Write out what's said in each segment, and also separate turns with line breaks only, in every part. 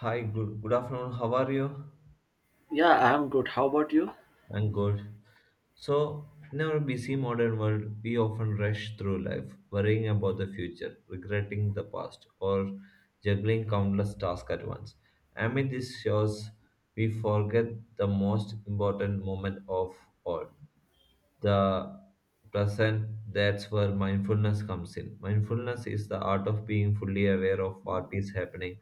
Hi, good afternoon. How are you?
Yeah, I'm good. How about you?
I'm good. So, in our busy modern world, we often rush through life, worrying about the future, regretting the past, or juggling countless tasks at once. Amid these shows, we forget the most important moment of all, the present. That's where mindfulness comes in. Mindfulness is the art of being fully aware of what is happening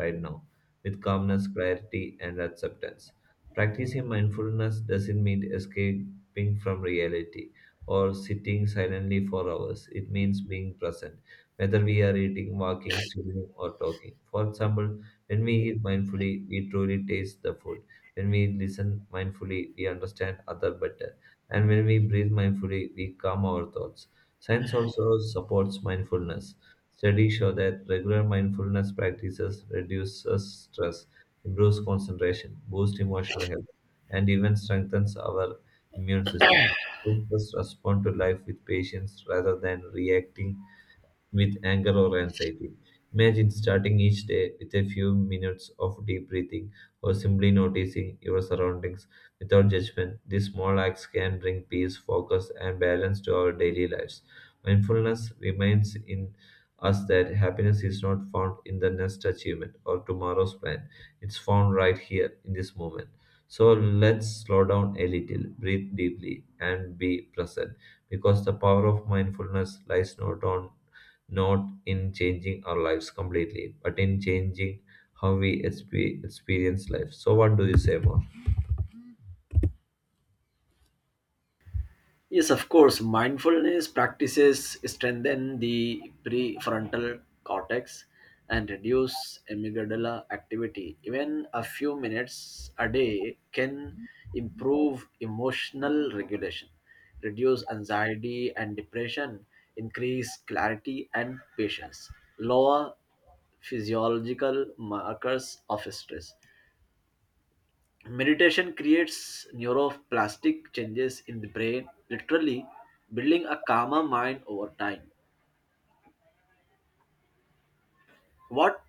right now, with calmness, clarity, and acceptance. Practicing mindfulness doesn't mean escaping from reality or sitting silently for hours. It means being present, whether we are eating, walking, swimming, or talking. For example, when we eat mindfully, we truly taste the food. When we listen mindfully, we understand other better. And when we breathe mindfully, we calm our thoughts. Science also supports mindfulness. Studies show that regular mindfulness practices reduces stress, improves concentration, boosts emotional health, and even strengthens our immune system. Helps us respond to life with patience rather than reacting with anger or anxiety. Imagine starting each day with a few minutes of deep breathing or simply noticing your surroundings without judgment. These small acts can bring peace, focus, and balance to our daily lives. Mindfulness reminds in us that happiness is not found in the next achievement or tomorrow's plan. It's found right here in this moment. So let's slow down a little, breathe deeply, and be present, because the power of mindfulness lies not in changing our lives completely, but in changing how we experience life. So, what do you say more?
Yes, of course. Mindfulness practices strengthen the prefrontal cortex and reduce amygdala activity. Even a few minutes a day can improve emotional regulation, reduce anxiety and depression, increase clarity and patience, lower physiological markers of stress. Meditation creates neuroplastic changes in the brain, literally building a calmer mind over time. What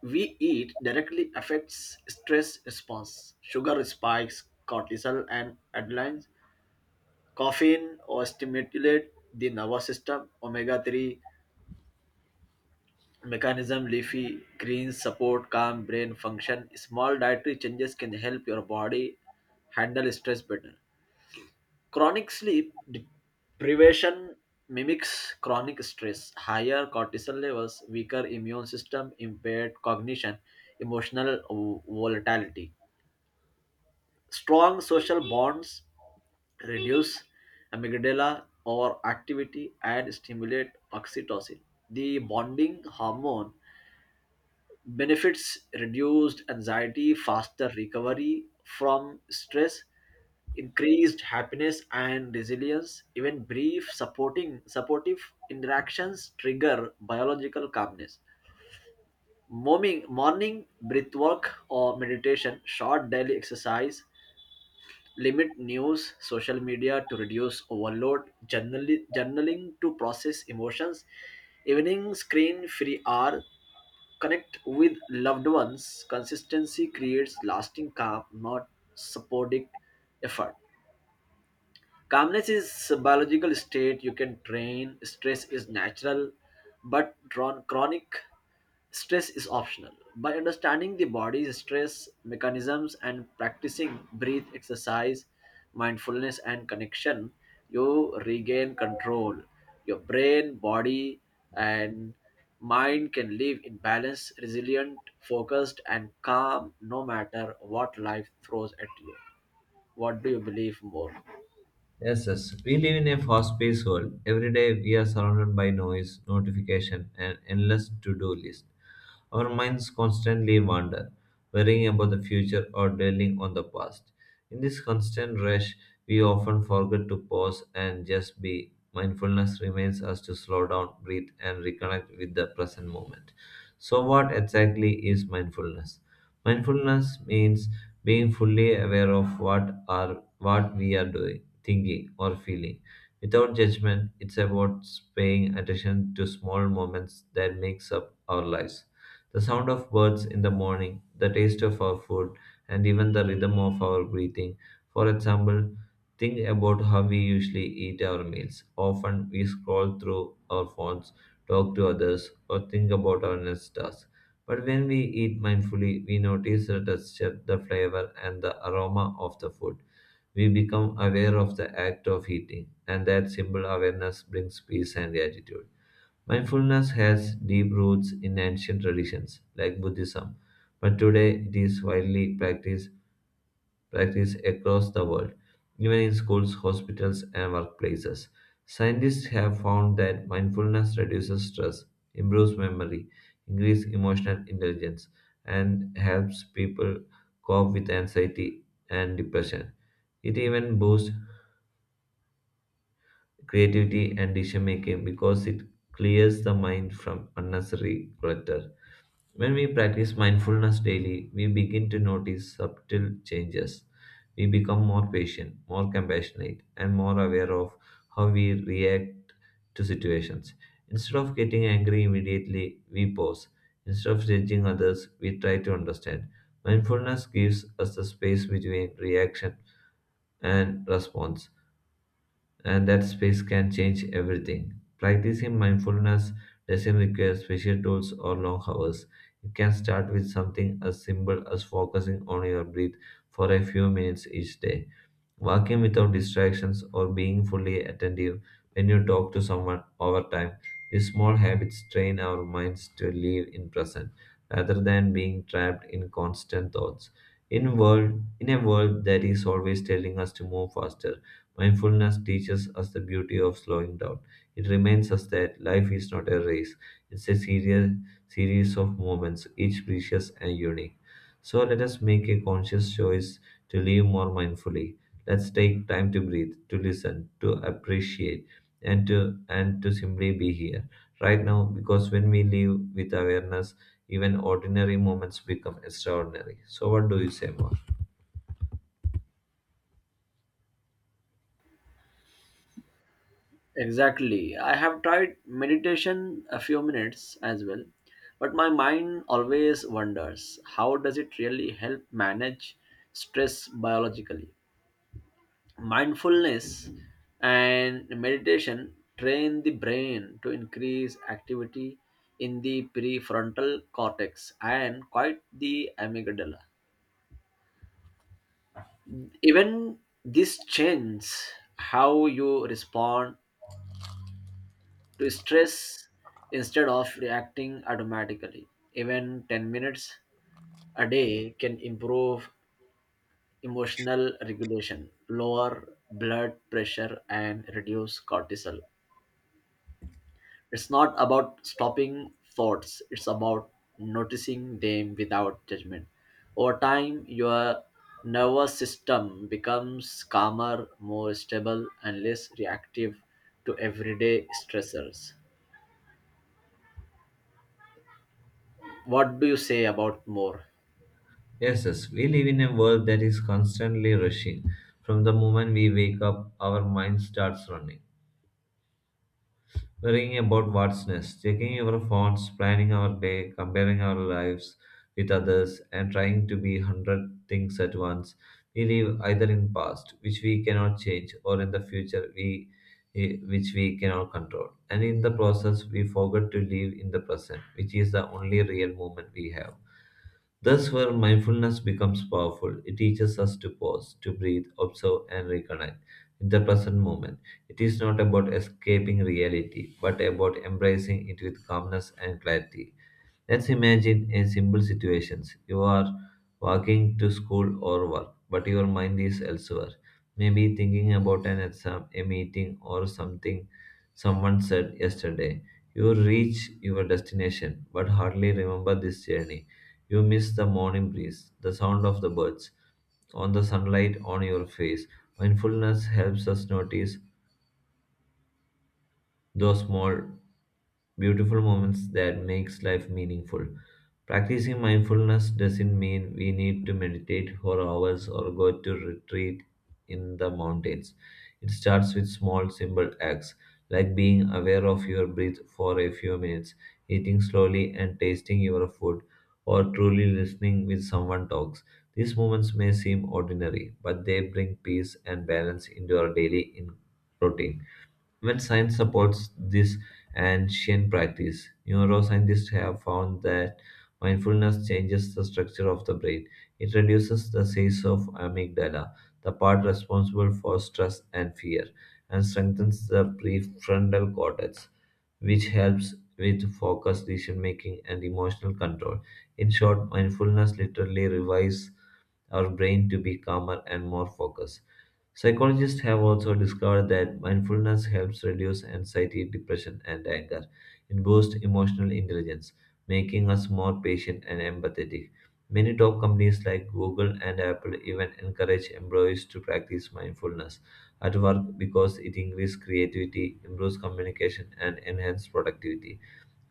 we eat directly affects stress response. Sugar spikes cortisol and adrenaline. Caffeine overstimulate the nervous system. Omega-3 mechanism leafy greens support calm brain function. Small dietary changes can help your body handle stress better. Chronic sleep deprivation mimics chronic stress, higher cortisol levels, weaker immune system, impaired cognition, emotional volatility. Strong social bonds reduce amygdala overactivity and stimulate oxytocin, the bonding hormone benefits reduced anxiety, faster recovery from stress, increased happiness and resilience. Even brief supporting supportive interactions trigger biological calmness. Morning breath work or meditation, short daily exercise, limit news, social media to reduce overload, journaling to process emotions, evening screen free hour, connect with loved ones. Consistency creates lasting calm, not supporting effort. Calmness is a biological state you can train. Stress is natural, but drawn chronic stress is optional. By understanding the body's stress mechanisms and practicing breath exercise, mindfulness, and connection, you regain control. Your brain, body, and mind can live in balance, resilient, focused, and calm no matter what life throws at you. What do you believe more?
Yes, yes. We live in a fast-paced world. Every day we are surrounded by noise, notification, and endless to-do list. Our minds constantly wander, worrying about the future or dwelling on the past. In this constant rush, we often forget to pause and just be. Mindfulness reminds us to slow down, breathe, and reconnect with the present moment. So, what exactly is mindfulness? Mindfulness means being fully aware of what we are doing, thinking, or feeling. Without judgment, it's about paying attention to small moments that makes up our lives. The sound of birds in the morning, the taste of our food, and even the rhythm of our breathing. For example, think about how we usually eat our meals. Often we scroll through our phones, talk to others, or think about our next task. But when we eat mindfully, we notice the texture, the flavor, and the aroma of the food. We become aware of the act of eating, and that simple awareness brings peace and gratitude. Mindfulness has deep roots in ancient traditions like Buddhism, but today it is widely practiced across the world, even in schools, hospitals, and workplaces. Scientists have found that mindfulness reduces stress, improves memory, increases emotional intelligence, and helps people cope with anxiety and depression. It even boosts creativity and decision making because it clears the mind from unnecessary clutter. When we practice mindfulness daily, we begin to notice subtle changes. We become more patient, more compassionate, and more aware of how we react to situations. Instead of getting angry immediately, we pause. Instead of judging others, we try to understand. Mindfulness gives us the space between reaction and response, and that space can change everything. Practicing mindfulness doesn't require special tools or long hours. It can start with something as simple as focusing on your breath for a few minutes each day. Working without distractions or being fully attentive when you talk to someone. Over time, these small habits train our minds to live in present rather than being trapped in constant thoughts. In a world that is always telling us to move faster, mindfulness teaches us the beauty of slowing down. It reminds us that life is not a race. It's a serious series of moments, each precious and unique. So let us make a conscious choice to live more mindfully. Let's take time to breathe, to listen, to appreciate, and to and to simply be here right now, because when we live with awareness, even ordinary moments become extraordinary. So what do you say more?
Exactly. I have tried meditation a few minutes as well, but my mind always wonders how does it really help manage stress biologically? Mindfulness and meditation train the brain to increase activity in the prefrontal cortex and quite the amygdala. Even this changes how you respond to stress instead of reacting automatically. Even 10 minutes a day can improve emotional regulation, lower blood pressure, and reduce cortisol. It's not about stopping thoughts, it's about noticing them without judgment. Over time, your nervous system becomes calmer, more stable, and less reactive to everyday stressors. What do you say about more?
Yes, yes, we live in a world that is constantly rushing. From the moment we wake up, our mind starts running, worrying about what's next, checking our phones, planning our day, comparing our lives with others, and trying to be hundred things at once. We live either in past, which we cannot change, or in the future, which we cannot control. And in the process, we forget to live in the present, which is the only real moment we have. Thus, where mindfulness becomes powerful. It teaches us to pause, to breathe, observe, and reconnect with the present moment. It is not about escaping reality, but about embracing it with calmness and clarity. Let's imagine a simple situation. You are walking to school or work, but your mind is elsewhere. Maybe thinking about an exam, a meeting, or something someone said yesterday. You reach your destination, but hardly remember this journey. You miss the morning breeze, the sound of the birds, on the sunlight on your face. Mindfulness helps us notice those small beautiful moments that makes life meaningful. Practicing mindfulness doesn't mean we need to meditate for hours or go to retreat in the mountains. It starts with small, simple acts like being aware of your breath for a few minutes, eating slowly and tasting your food, or truly listening when someone talks. These moments may seem ordinary, but they bring peace and balance into our daily routine. When science supports this ancient practice. Neuroscientists have found that mindfulness changes the structure of the brain. It reduces the size of amygdala, the part responsible for stress and fear, and strengthens the prefrontal cortex, which helps with focus, decision making, and emotional control. In short, mindfulness literally revives our brain to be calmer and more focused. Psychologists have also discovered that mindfulness helps reduce anxiety, depression, and anger. It boosts emotional intelligence, making us more patient and empathetic. Many top companies like Google and Apple even encourage employees to practice mindfulness at work because it increases creativity, improves communication, and enhances productivity.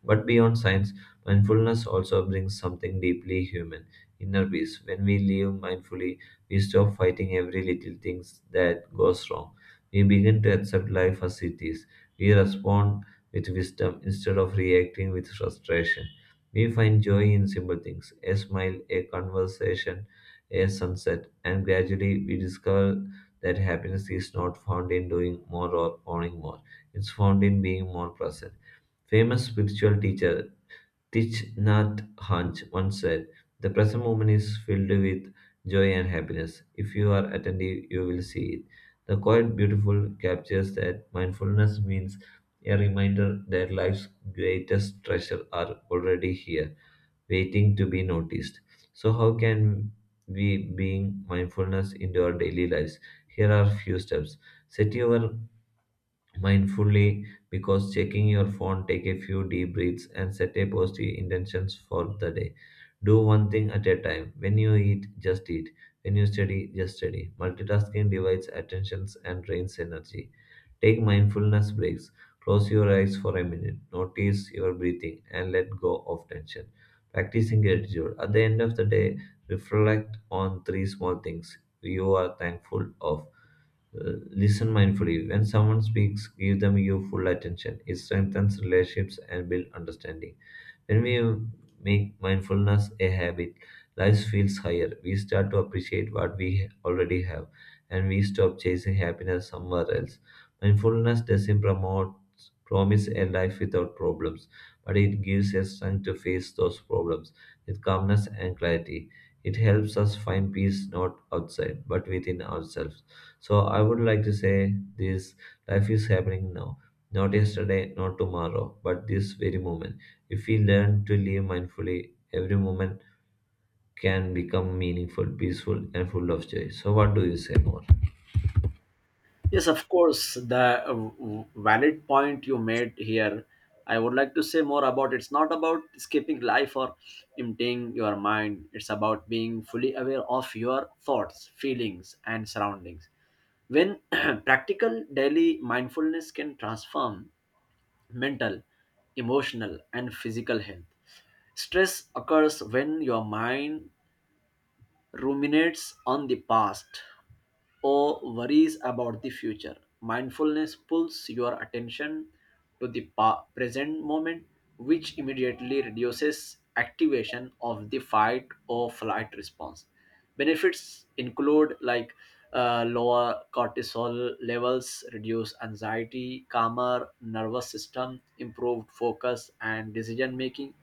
But beyond science, mindfulness also brings something deeply human, inner peace. When we live mindfully, we stop fighting every little thing that goes wrong. We begin to accept life as it is. We respond with wisdom instead of reacting with frustration. We find joy in simple things, a smile, a conversation, a sunset, and gradually we discover that happiness is not found in doing more or owning more. It's found in being more present. Famous spiritual teacher Thich Nhat Hanh once said, "The present moment is filled with joy and happiness. If you are attentive, you will see it." The quite beautiful captures that mindfulness means a reminder that life's greatest treasure are already here, waiting to be noticed. So, how can we bring mindfulness into our daily lives? Here are few steps. Set your mindfully because checking your phone, take a few deep breaths, and set a positive intentions for the day. Do one thing at a time. When you eat, just eat. When you study, just study. Multitasking divides attentions and drains energy. Take mindfulness breaks. Close your eyes for a minute. Notice your breathing and let go of tension. Practicing gratitude. At the end of the day, reflect on three small things you are thankful of. Listen mindfully. When someone speaks, give them your full attention. It strengthens relationships and builds understanding. When we make mindfulness a habit, life feels higher. We start to appreciate what we already have and we stop chasing happiness somewhere else. Mindfulness doesn't promote promise a life without problems, but it gives us strength to face those problems with calmness and clarity. It helps us find peace not outside but within ourselves. So I would like to say this, life is happening now, not yesterday, not tomorrow, but this very moment. If we learn to live mindfully, every moment can become meaningful, peaceful, and full of joy. So, what do you say more?
Yes, of course, the valid point you made here. I would like to say more about It's not about escaping life or emptying your mind. It's about being fully aware of your thoughts, feelings, and surroundings. When practical daily mindfulness can transform mental, emotional, and physical health. Stress occurs when your mind ruminates on the past, or worries about the future. Mindfulness pulls your attention to the present moment, which immediately reduces activation of the fight or flight response. Benefits include like lower cortisol levels, reduced anxiety, calmer nervous system, improved focus and decision making.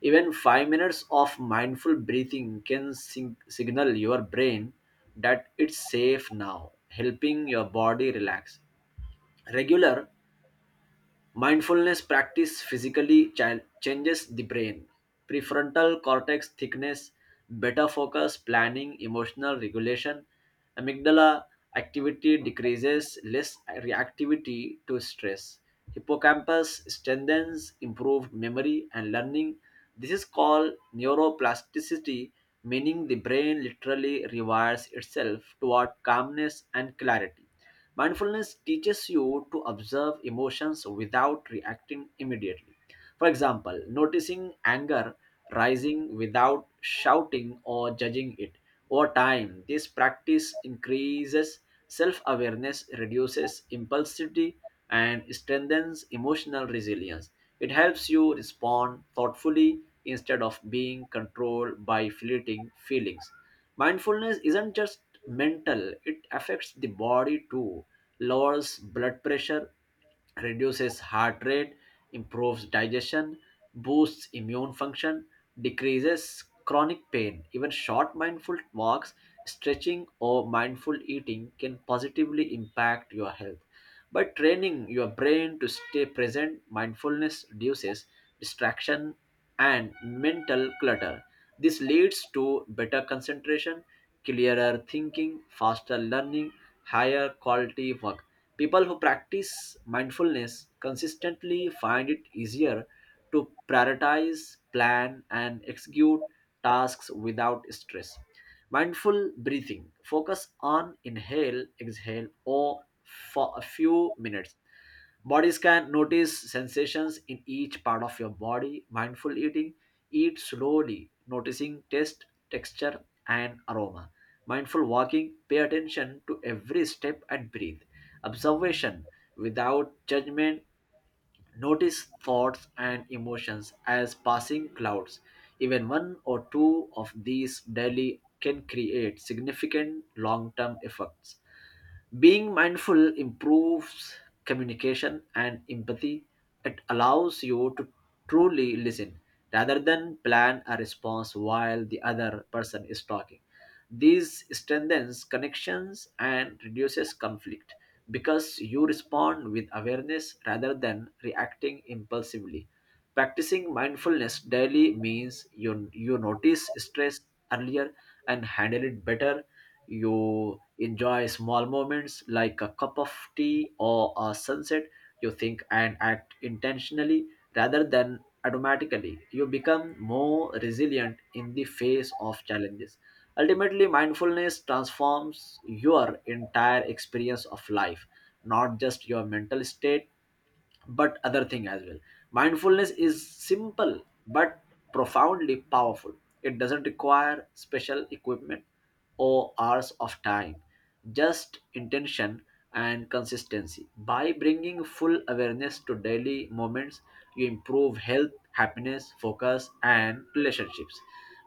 Even 5 minutes of mindful breathing can signal your brain that it's safe now, helping your body relax. Regular mindfulness practice physically changes the brain. Prefrontal cortex thickness, better focus, planning, emotional regulation. Amygdala activity decreases, less reactivity to stress. Hippocampus strengthens, improved memory and learning. This is called neuroplasticity, meaning the brain literally rewires itself toward calmness and clarity. Mindfulness teaches you to observe emotions without reacting immediately. For example, noticing anger rising without shouting or judging it. Over time, this practice increases self awareness, reduces impulsivity, and strengthens emotional resilience. It helps you respond thoughtfully instead of being controlled by fleeting feelings. Mindfulness isn't just mental, it affects the body too. Lowers blood pressure, reduces heart rate, improves digestion, boosts immune function, decreases chronic pain. Even short mindful walks, stretching, or mindful eating can positively impact your health. By training your brain to stay present, mindfulness reduces distraction and mental clutter. This leads to better concentration, clearer thinking, faster learning, higher quality work. People who practice mindfulness consistently find it easier to prioritize, plan, and execute tasks without stress. Mindful breathing: focus on inhale, exhale, or for a few minutes. Bodies can notice sensations in each part of your body. Mindful eating: eat slowly, noticing taste, texture, and aroma. Mindful walking: pay attention to every step and breathe. Observation, without judgment, notice thoughts and emotions as passing clouds. Even one or two of these daily can create significant long term effects. Being mindful improves communication and empathy. It allows you to truly listen rather than plan a response while the other person is talking. This strengthens connections and reduces conflict because you respond with awareness rather than reacting impulsively. Practicing mindfulness daily means you notice stress earlier and handle it better. You enjoy small moments like a cup of tea or a sunset. You think and act intentionally rather than automatically. You become more resilient in the face of challenges. Ultimately, mindfulness transforms your entire experience of life, not just your mental state but other thing as well. Mindfulness is simple but profoundly powerful. It doesn't require special equipment or hours of time, just intention and consistency. By bringing full awareness to daily moments, you improve health, happiness, focus, and relationships.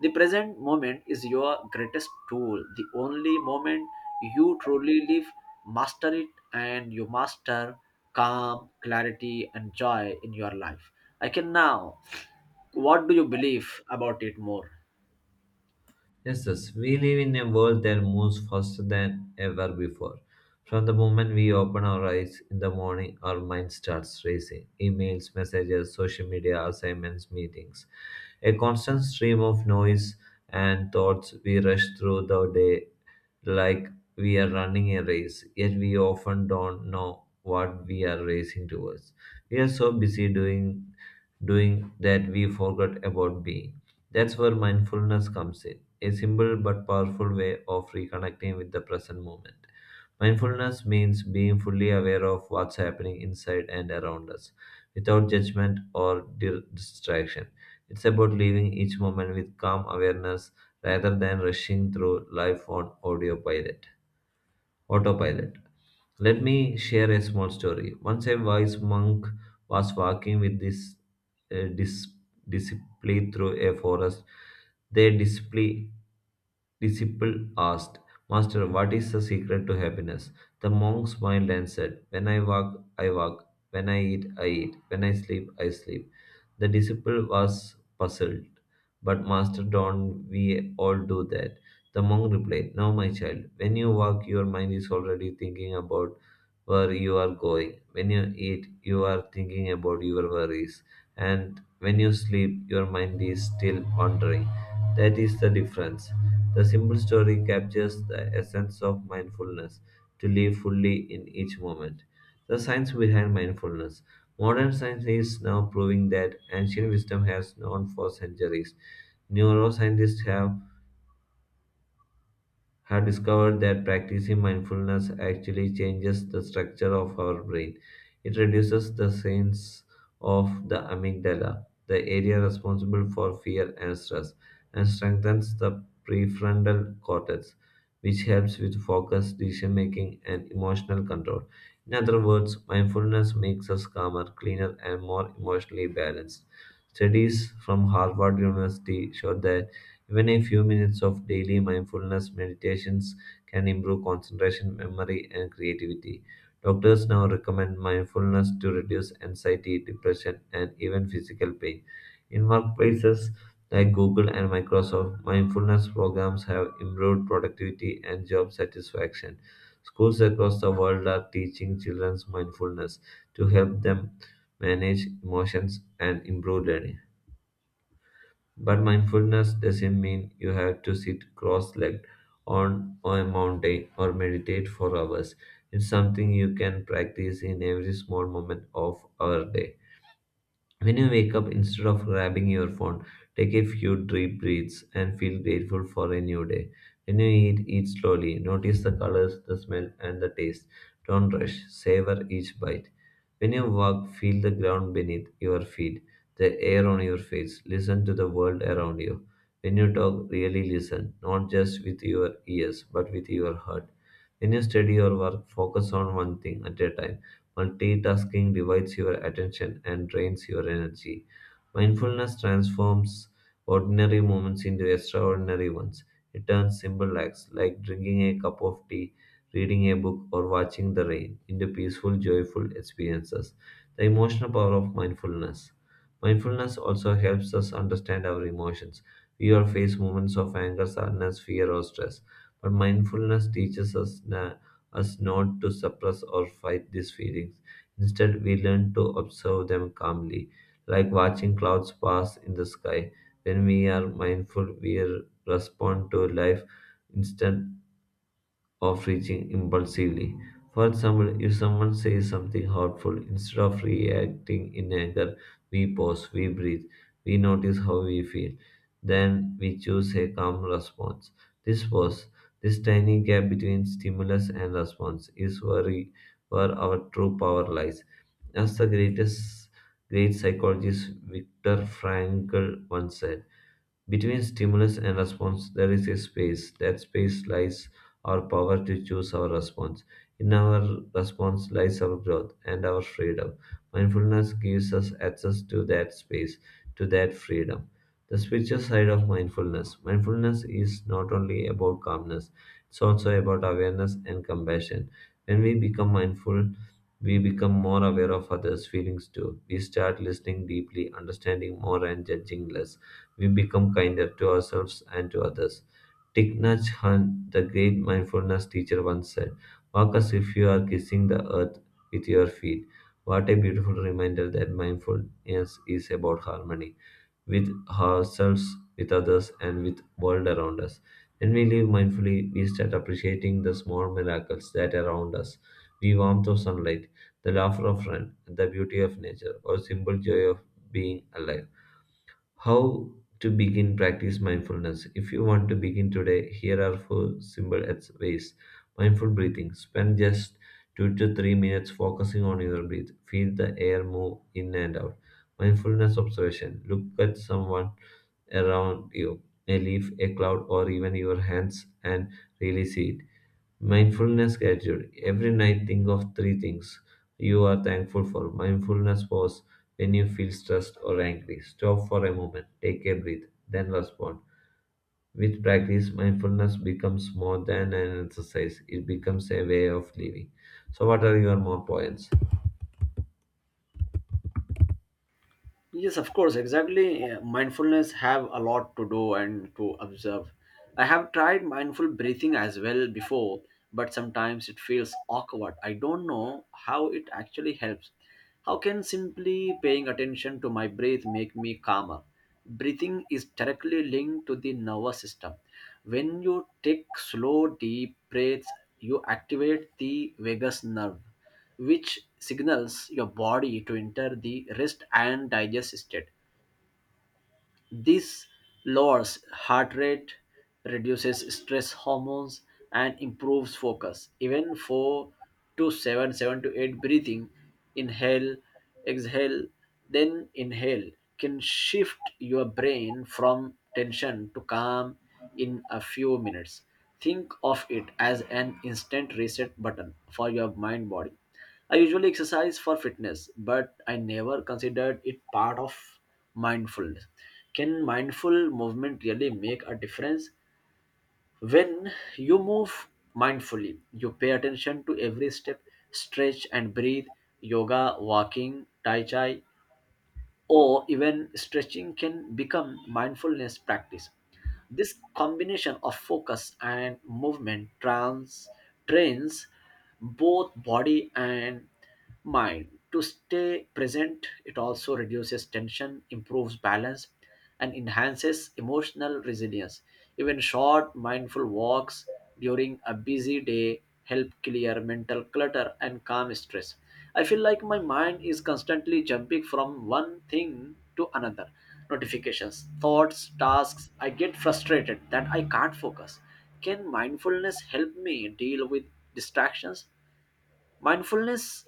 The present moment is your greatest tool, the only moment you truly live. Master it, and you master calm, clarity, and joy in your life. I can now. What do you believe about it more?
Yes, yes, we live in a world that moves faster than ever before. From the moment we open our eyes in the morning, our mind starts racing. Emails, messages, social media, assignments, meetings. A constant stream of noise and thoughts, we rush through the day like we are running a race, yet we often don't know what we are racing towards. We are so busy doing that we forgot about being. That's where mindfulness comes in, a simple but powerful way of reconnecting with the present moment. Mindfulness means being fully aware of what's happening inside and around us, without judgment or distraction. It's about living each moment with calm awareness rather than rushing through life on autopilot. Autopilot. Let me share a small story. Once a wise monk was walking with this uh, dis- disciple through a forest. Their disciple asked, "Master, what is the secret to happiness?" The monk smiled and said, "When I walk, I walk. When I eat, I eat. When I sleep, I sleep." The disciple was puzzled. "But, Master, don't we all do that?" The monk replied, "No, my child, when you walk, your mind is already thinking about where you are going. When you eat, you are thinking about your worries. And when you sleep, your mind is still wandering. That is the difference." The simple story captures the essence of mindfulness to live fully in each moment. The science behind mindfulness. Modern science is now proving that ancient wisdom has known for centuries. Neuroscientists have discovered that practicing mindfulness actually changes the structure of our brain. It reduces the sense of the amygdala, the area responsible for fear and stress, and strengthens the prefrontal cortex, which helps with focus, decision making, and emotional control. In other words, mindfulness makes us calmer, cleaner, and more emotionally balanced. Studies from Harvard University show that even a few minutes of daily mindfulness meditations can improve concentration, memory, and creativity. Doctors now recommend mindfulness to reduce anxiety, depression, and even physical pain. In workplaces like Google and Microsoft, mindfulness programs have improved productivity and job satisfaction. Schools across the world are teaching children mindfulness to help them manage emotions and improve learning. But mindfulness doesn't mean you have to sit cross legged on a mountain or meditate for hours. It's something you can practice in every small moment of our day. When you wake up, instead of grabbing your phone, take a few deep breaths and feel grateful for a new day. When you eat, eat slowly. Notice the colors, the smell, and the taste. Don't rush. Savor each bite. When you walk, feel the ground beneath your feet, the air on your face. Listen to the world around you. When you talk, really listen, not just with your ears, but with your heart. When you study or work, focus on one thing at a time. Multitasking divides your attention and drains your energy. Mindfulness transforms ordinary moments into extraordinary ones. It turns simple acts like drinking a cup of tea, reading a book, or watching the rain into peaceful, joyful experiences. The emotional power of mindfulness. Mindfulness also helps us understand our emotions. We all face moments of anger, sadness, fear, or stress, but mindfulness teaches us not to suppress or fight these feelings. Instead, we learn to observe them calmly, like watching clouds pass in the sky. When we are mindful, we respond to life instead of reaching impulsively. For example, if someone says something hurtful, instead of reacting in anger, we pause, we breathe, we notice how we feel. Then we choose a calm response. This pause, this tiny gap between stimulus and response, is where our true power lies. As the great psychologist Viktor Frankl once said, between stimulus and response, there is a space. That space lies our power to choose our response. In our response lies our growth and our freedom. Mindfulness gives us access to that space, to that freedom. The spiritual side of mindfulness. Mindfulness is not only about calmness, it's also about awareness and compassion. When we become mindful, we become more aware of others' feelings too. We start listening deeply, understanding more, and judging less. We become kinder to ourselves and to others. Thich Nhat Hanh, the great mindfulness teacher, once said, "Walk as if you are kissing the earth with your feet." What a beautiful reminder that mindfulness is about harmony with ourselves, with others, and with world around us. When we live mindfully, we start appreciating the small miracles that are around us. The warmth of sunlight, the laughter of friend, the beauty of nature, or simple joy of being alive. How to begin practice mindfulness. If you want to begin today, here are four simple ways. Mindful breathing. Spend just 2 to 3 minutes focusing on your breath. Feel the air move in and out. Mindfulness observation. Look at someone around you, a leaf, a cloud, or even your hands and really see it. Mindfulness gratitude. Every night, think of three things you are thankful for. Mindfulness pause when you feel stressed or angry. Stop for a moment, take a breath, then respond. With practice, mindfulness becomes more than an exercise, it becomes a way of living. So, what are your more points?
Yes, of course, exactly. Mindfulness have a lot to do and to observe. I have tried mindful breathing as well before, but sometimes it feels awkward. I don't know how it actually helps. How can simply paying attention to my breath make me calmer? Breathing is directly linked to the nervous system. When you take slow, deep breaths, you activate the vagus nerve, which signals your body to enter the rest and digest state. This lowers heart rate, reduces stress hormones, and improves focus. Even 4 to 7, 7 to 8 breathing, inhale, exhale, then inhale, can shift your brain from tension to calm in a few minutes. Think of it as an instant reset button for your mind body. I usually exercise for fitness, but I never considered it part of mindfulness. Can mindful movement really make a difference? When you move mindfully, you pay attention to every step, stretch, and breathe. Yoga, walking, tai chi, or even stretching can become mindfulness practice. This combination of focus and movement trains both body and mind to stay present. It also reduces tension, improves balance, and enhances emotional resilience. Even short, mindful walks during a busy day help clear mental clutter and calm stress. I feel like my mind is constantly jumping from one thing to another, notifications, thoughts, tasks. I get frustrated that I can't focus. Can mindfulness help me deal with distractions? Mindfulness,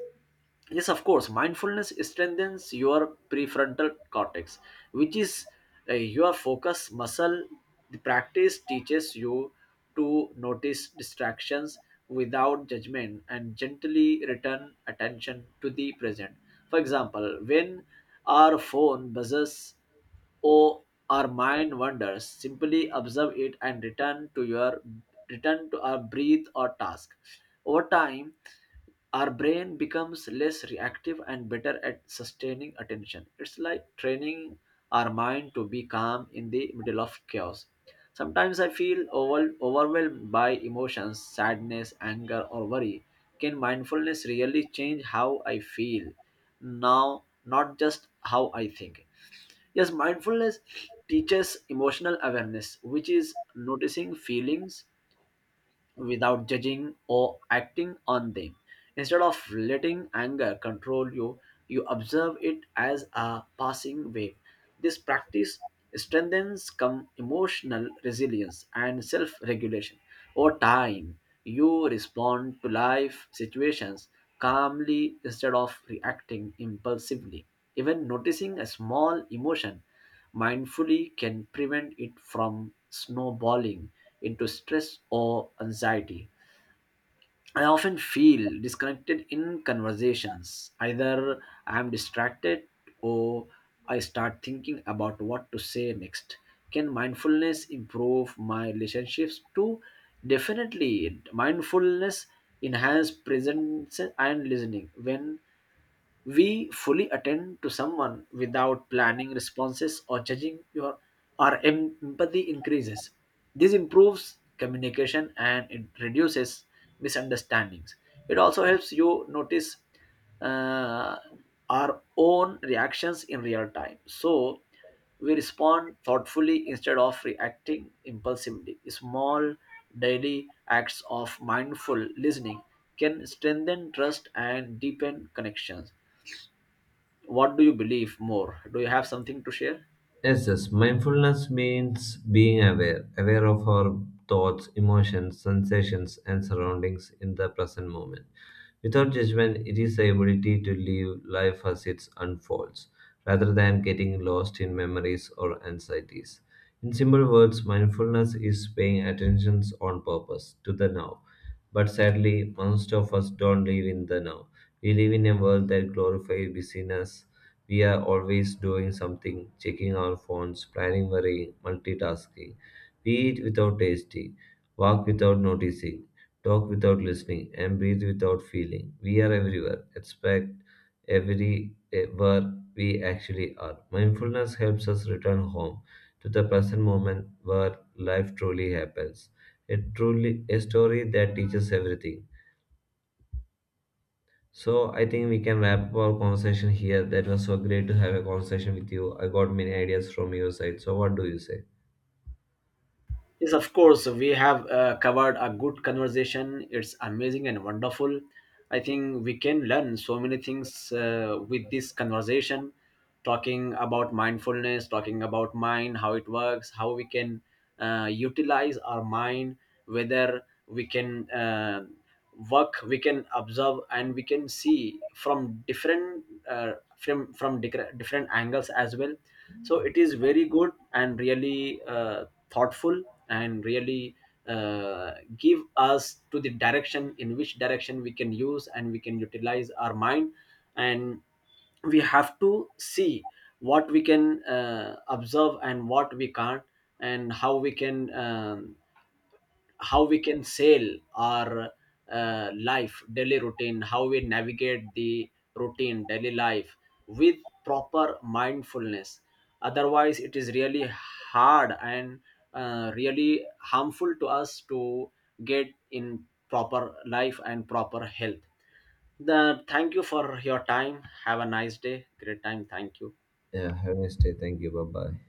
yes, of course, mindfulness strengthens your prefrontal cortex, which is your focus muscle. The practice teaches you to notice distractions without judgment and gently return attention to the present. For example, when our phone buzzes or our mind wanders, simply observe it and return to our breathe or task. Over time, our brain becomes less reactive and better at sustaining attention. It's like training our mind to be calm in the middle of chaos. Sometimes I feel overwhelmed by emotions, sadness, anger, or worry. Can mindfulness really change how I feel now, not just how I think? Yes, mindfulness teaches emotional awareness, which is noticing feelings without judging or acting on them. Instead of letting anger control you, you observe it as a passing wave. This practice strengthens emotional resilience and self regulation. Over time, you respond to life situations calmly instead of reacting impulsively. Even noticing a small emotion mindfully can prevent it from snowballing into stress or anxiety. I often feel disconnected in conversations. Either I am distracted or I start thinking about what to say next. Can mindfulness improve my relationships too? Definitely. Mindfulness enhance presence and listening. When we fully attend to someone without planning responses or judging, your our empathy increases. This improves communication and it reduces misunderstandings. It also helps you notice uh, our own reactions in real time. So we respond thoughtfully instead of reacting impulsively. Small daily acts of mindful listening can strengthen trust and deepen connections. What do you believe more? Do you have something to share?
Yes, yes. Mindfulness means being aware, aware of our thoughts, emotions, sensations, and surroundings in the present moment. Without judgment, it is the ability to live life as it unfolds, rather than getting lost in memories or anxieties. In simple words, mindfulness is paying attention on purpose to the now. But sadly, most of us don't live in the now. We live in a world that glorifies busyness. We are always doing something, checking our phones, planning, worrying, multitasking. We eat without tasting, walk without noticing, talk without listening, and breathe without feeling. We are everywhere, expect everywhere we actually are. Mindfulness helps us return home to the present moment where life truly happens. A truly a story that teaches everything, so I think we can wrap up our conversation here. That was so great to have a conversation with you. I got many ideas from your side. So what do you say?
Yes, of course, we have covered a good conversation. It's amazing and wonderful. I think we can learn so many things with this conversation. Talking about mindfulness, talking about mind, how it works, how we can utilize our mind, whether we can work, we can observe and we can see from different from different angles as well. So it is very good and really thoughtful and really uh, give us to the direction in which direction we can use and we can utilize our mind. And we have to see what we can observe and what we can't. And how we can sail our life daily routine, how we navigate the routine daily life with proper mindfulness. Otherwise it is really hard and really harmful to us to get in proper life and proper health. The Thank you for your time. Have a nice day. Great time. Thank you.
Yeah, have a nice day. Thank you. Bye bye.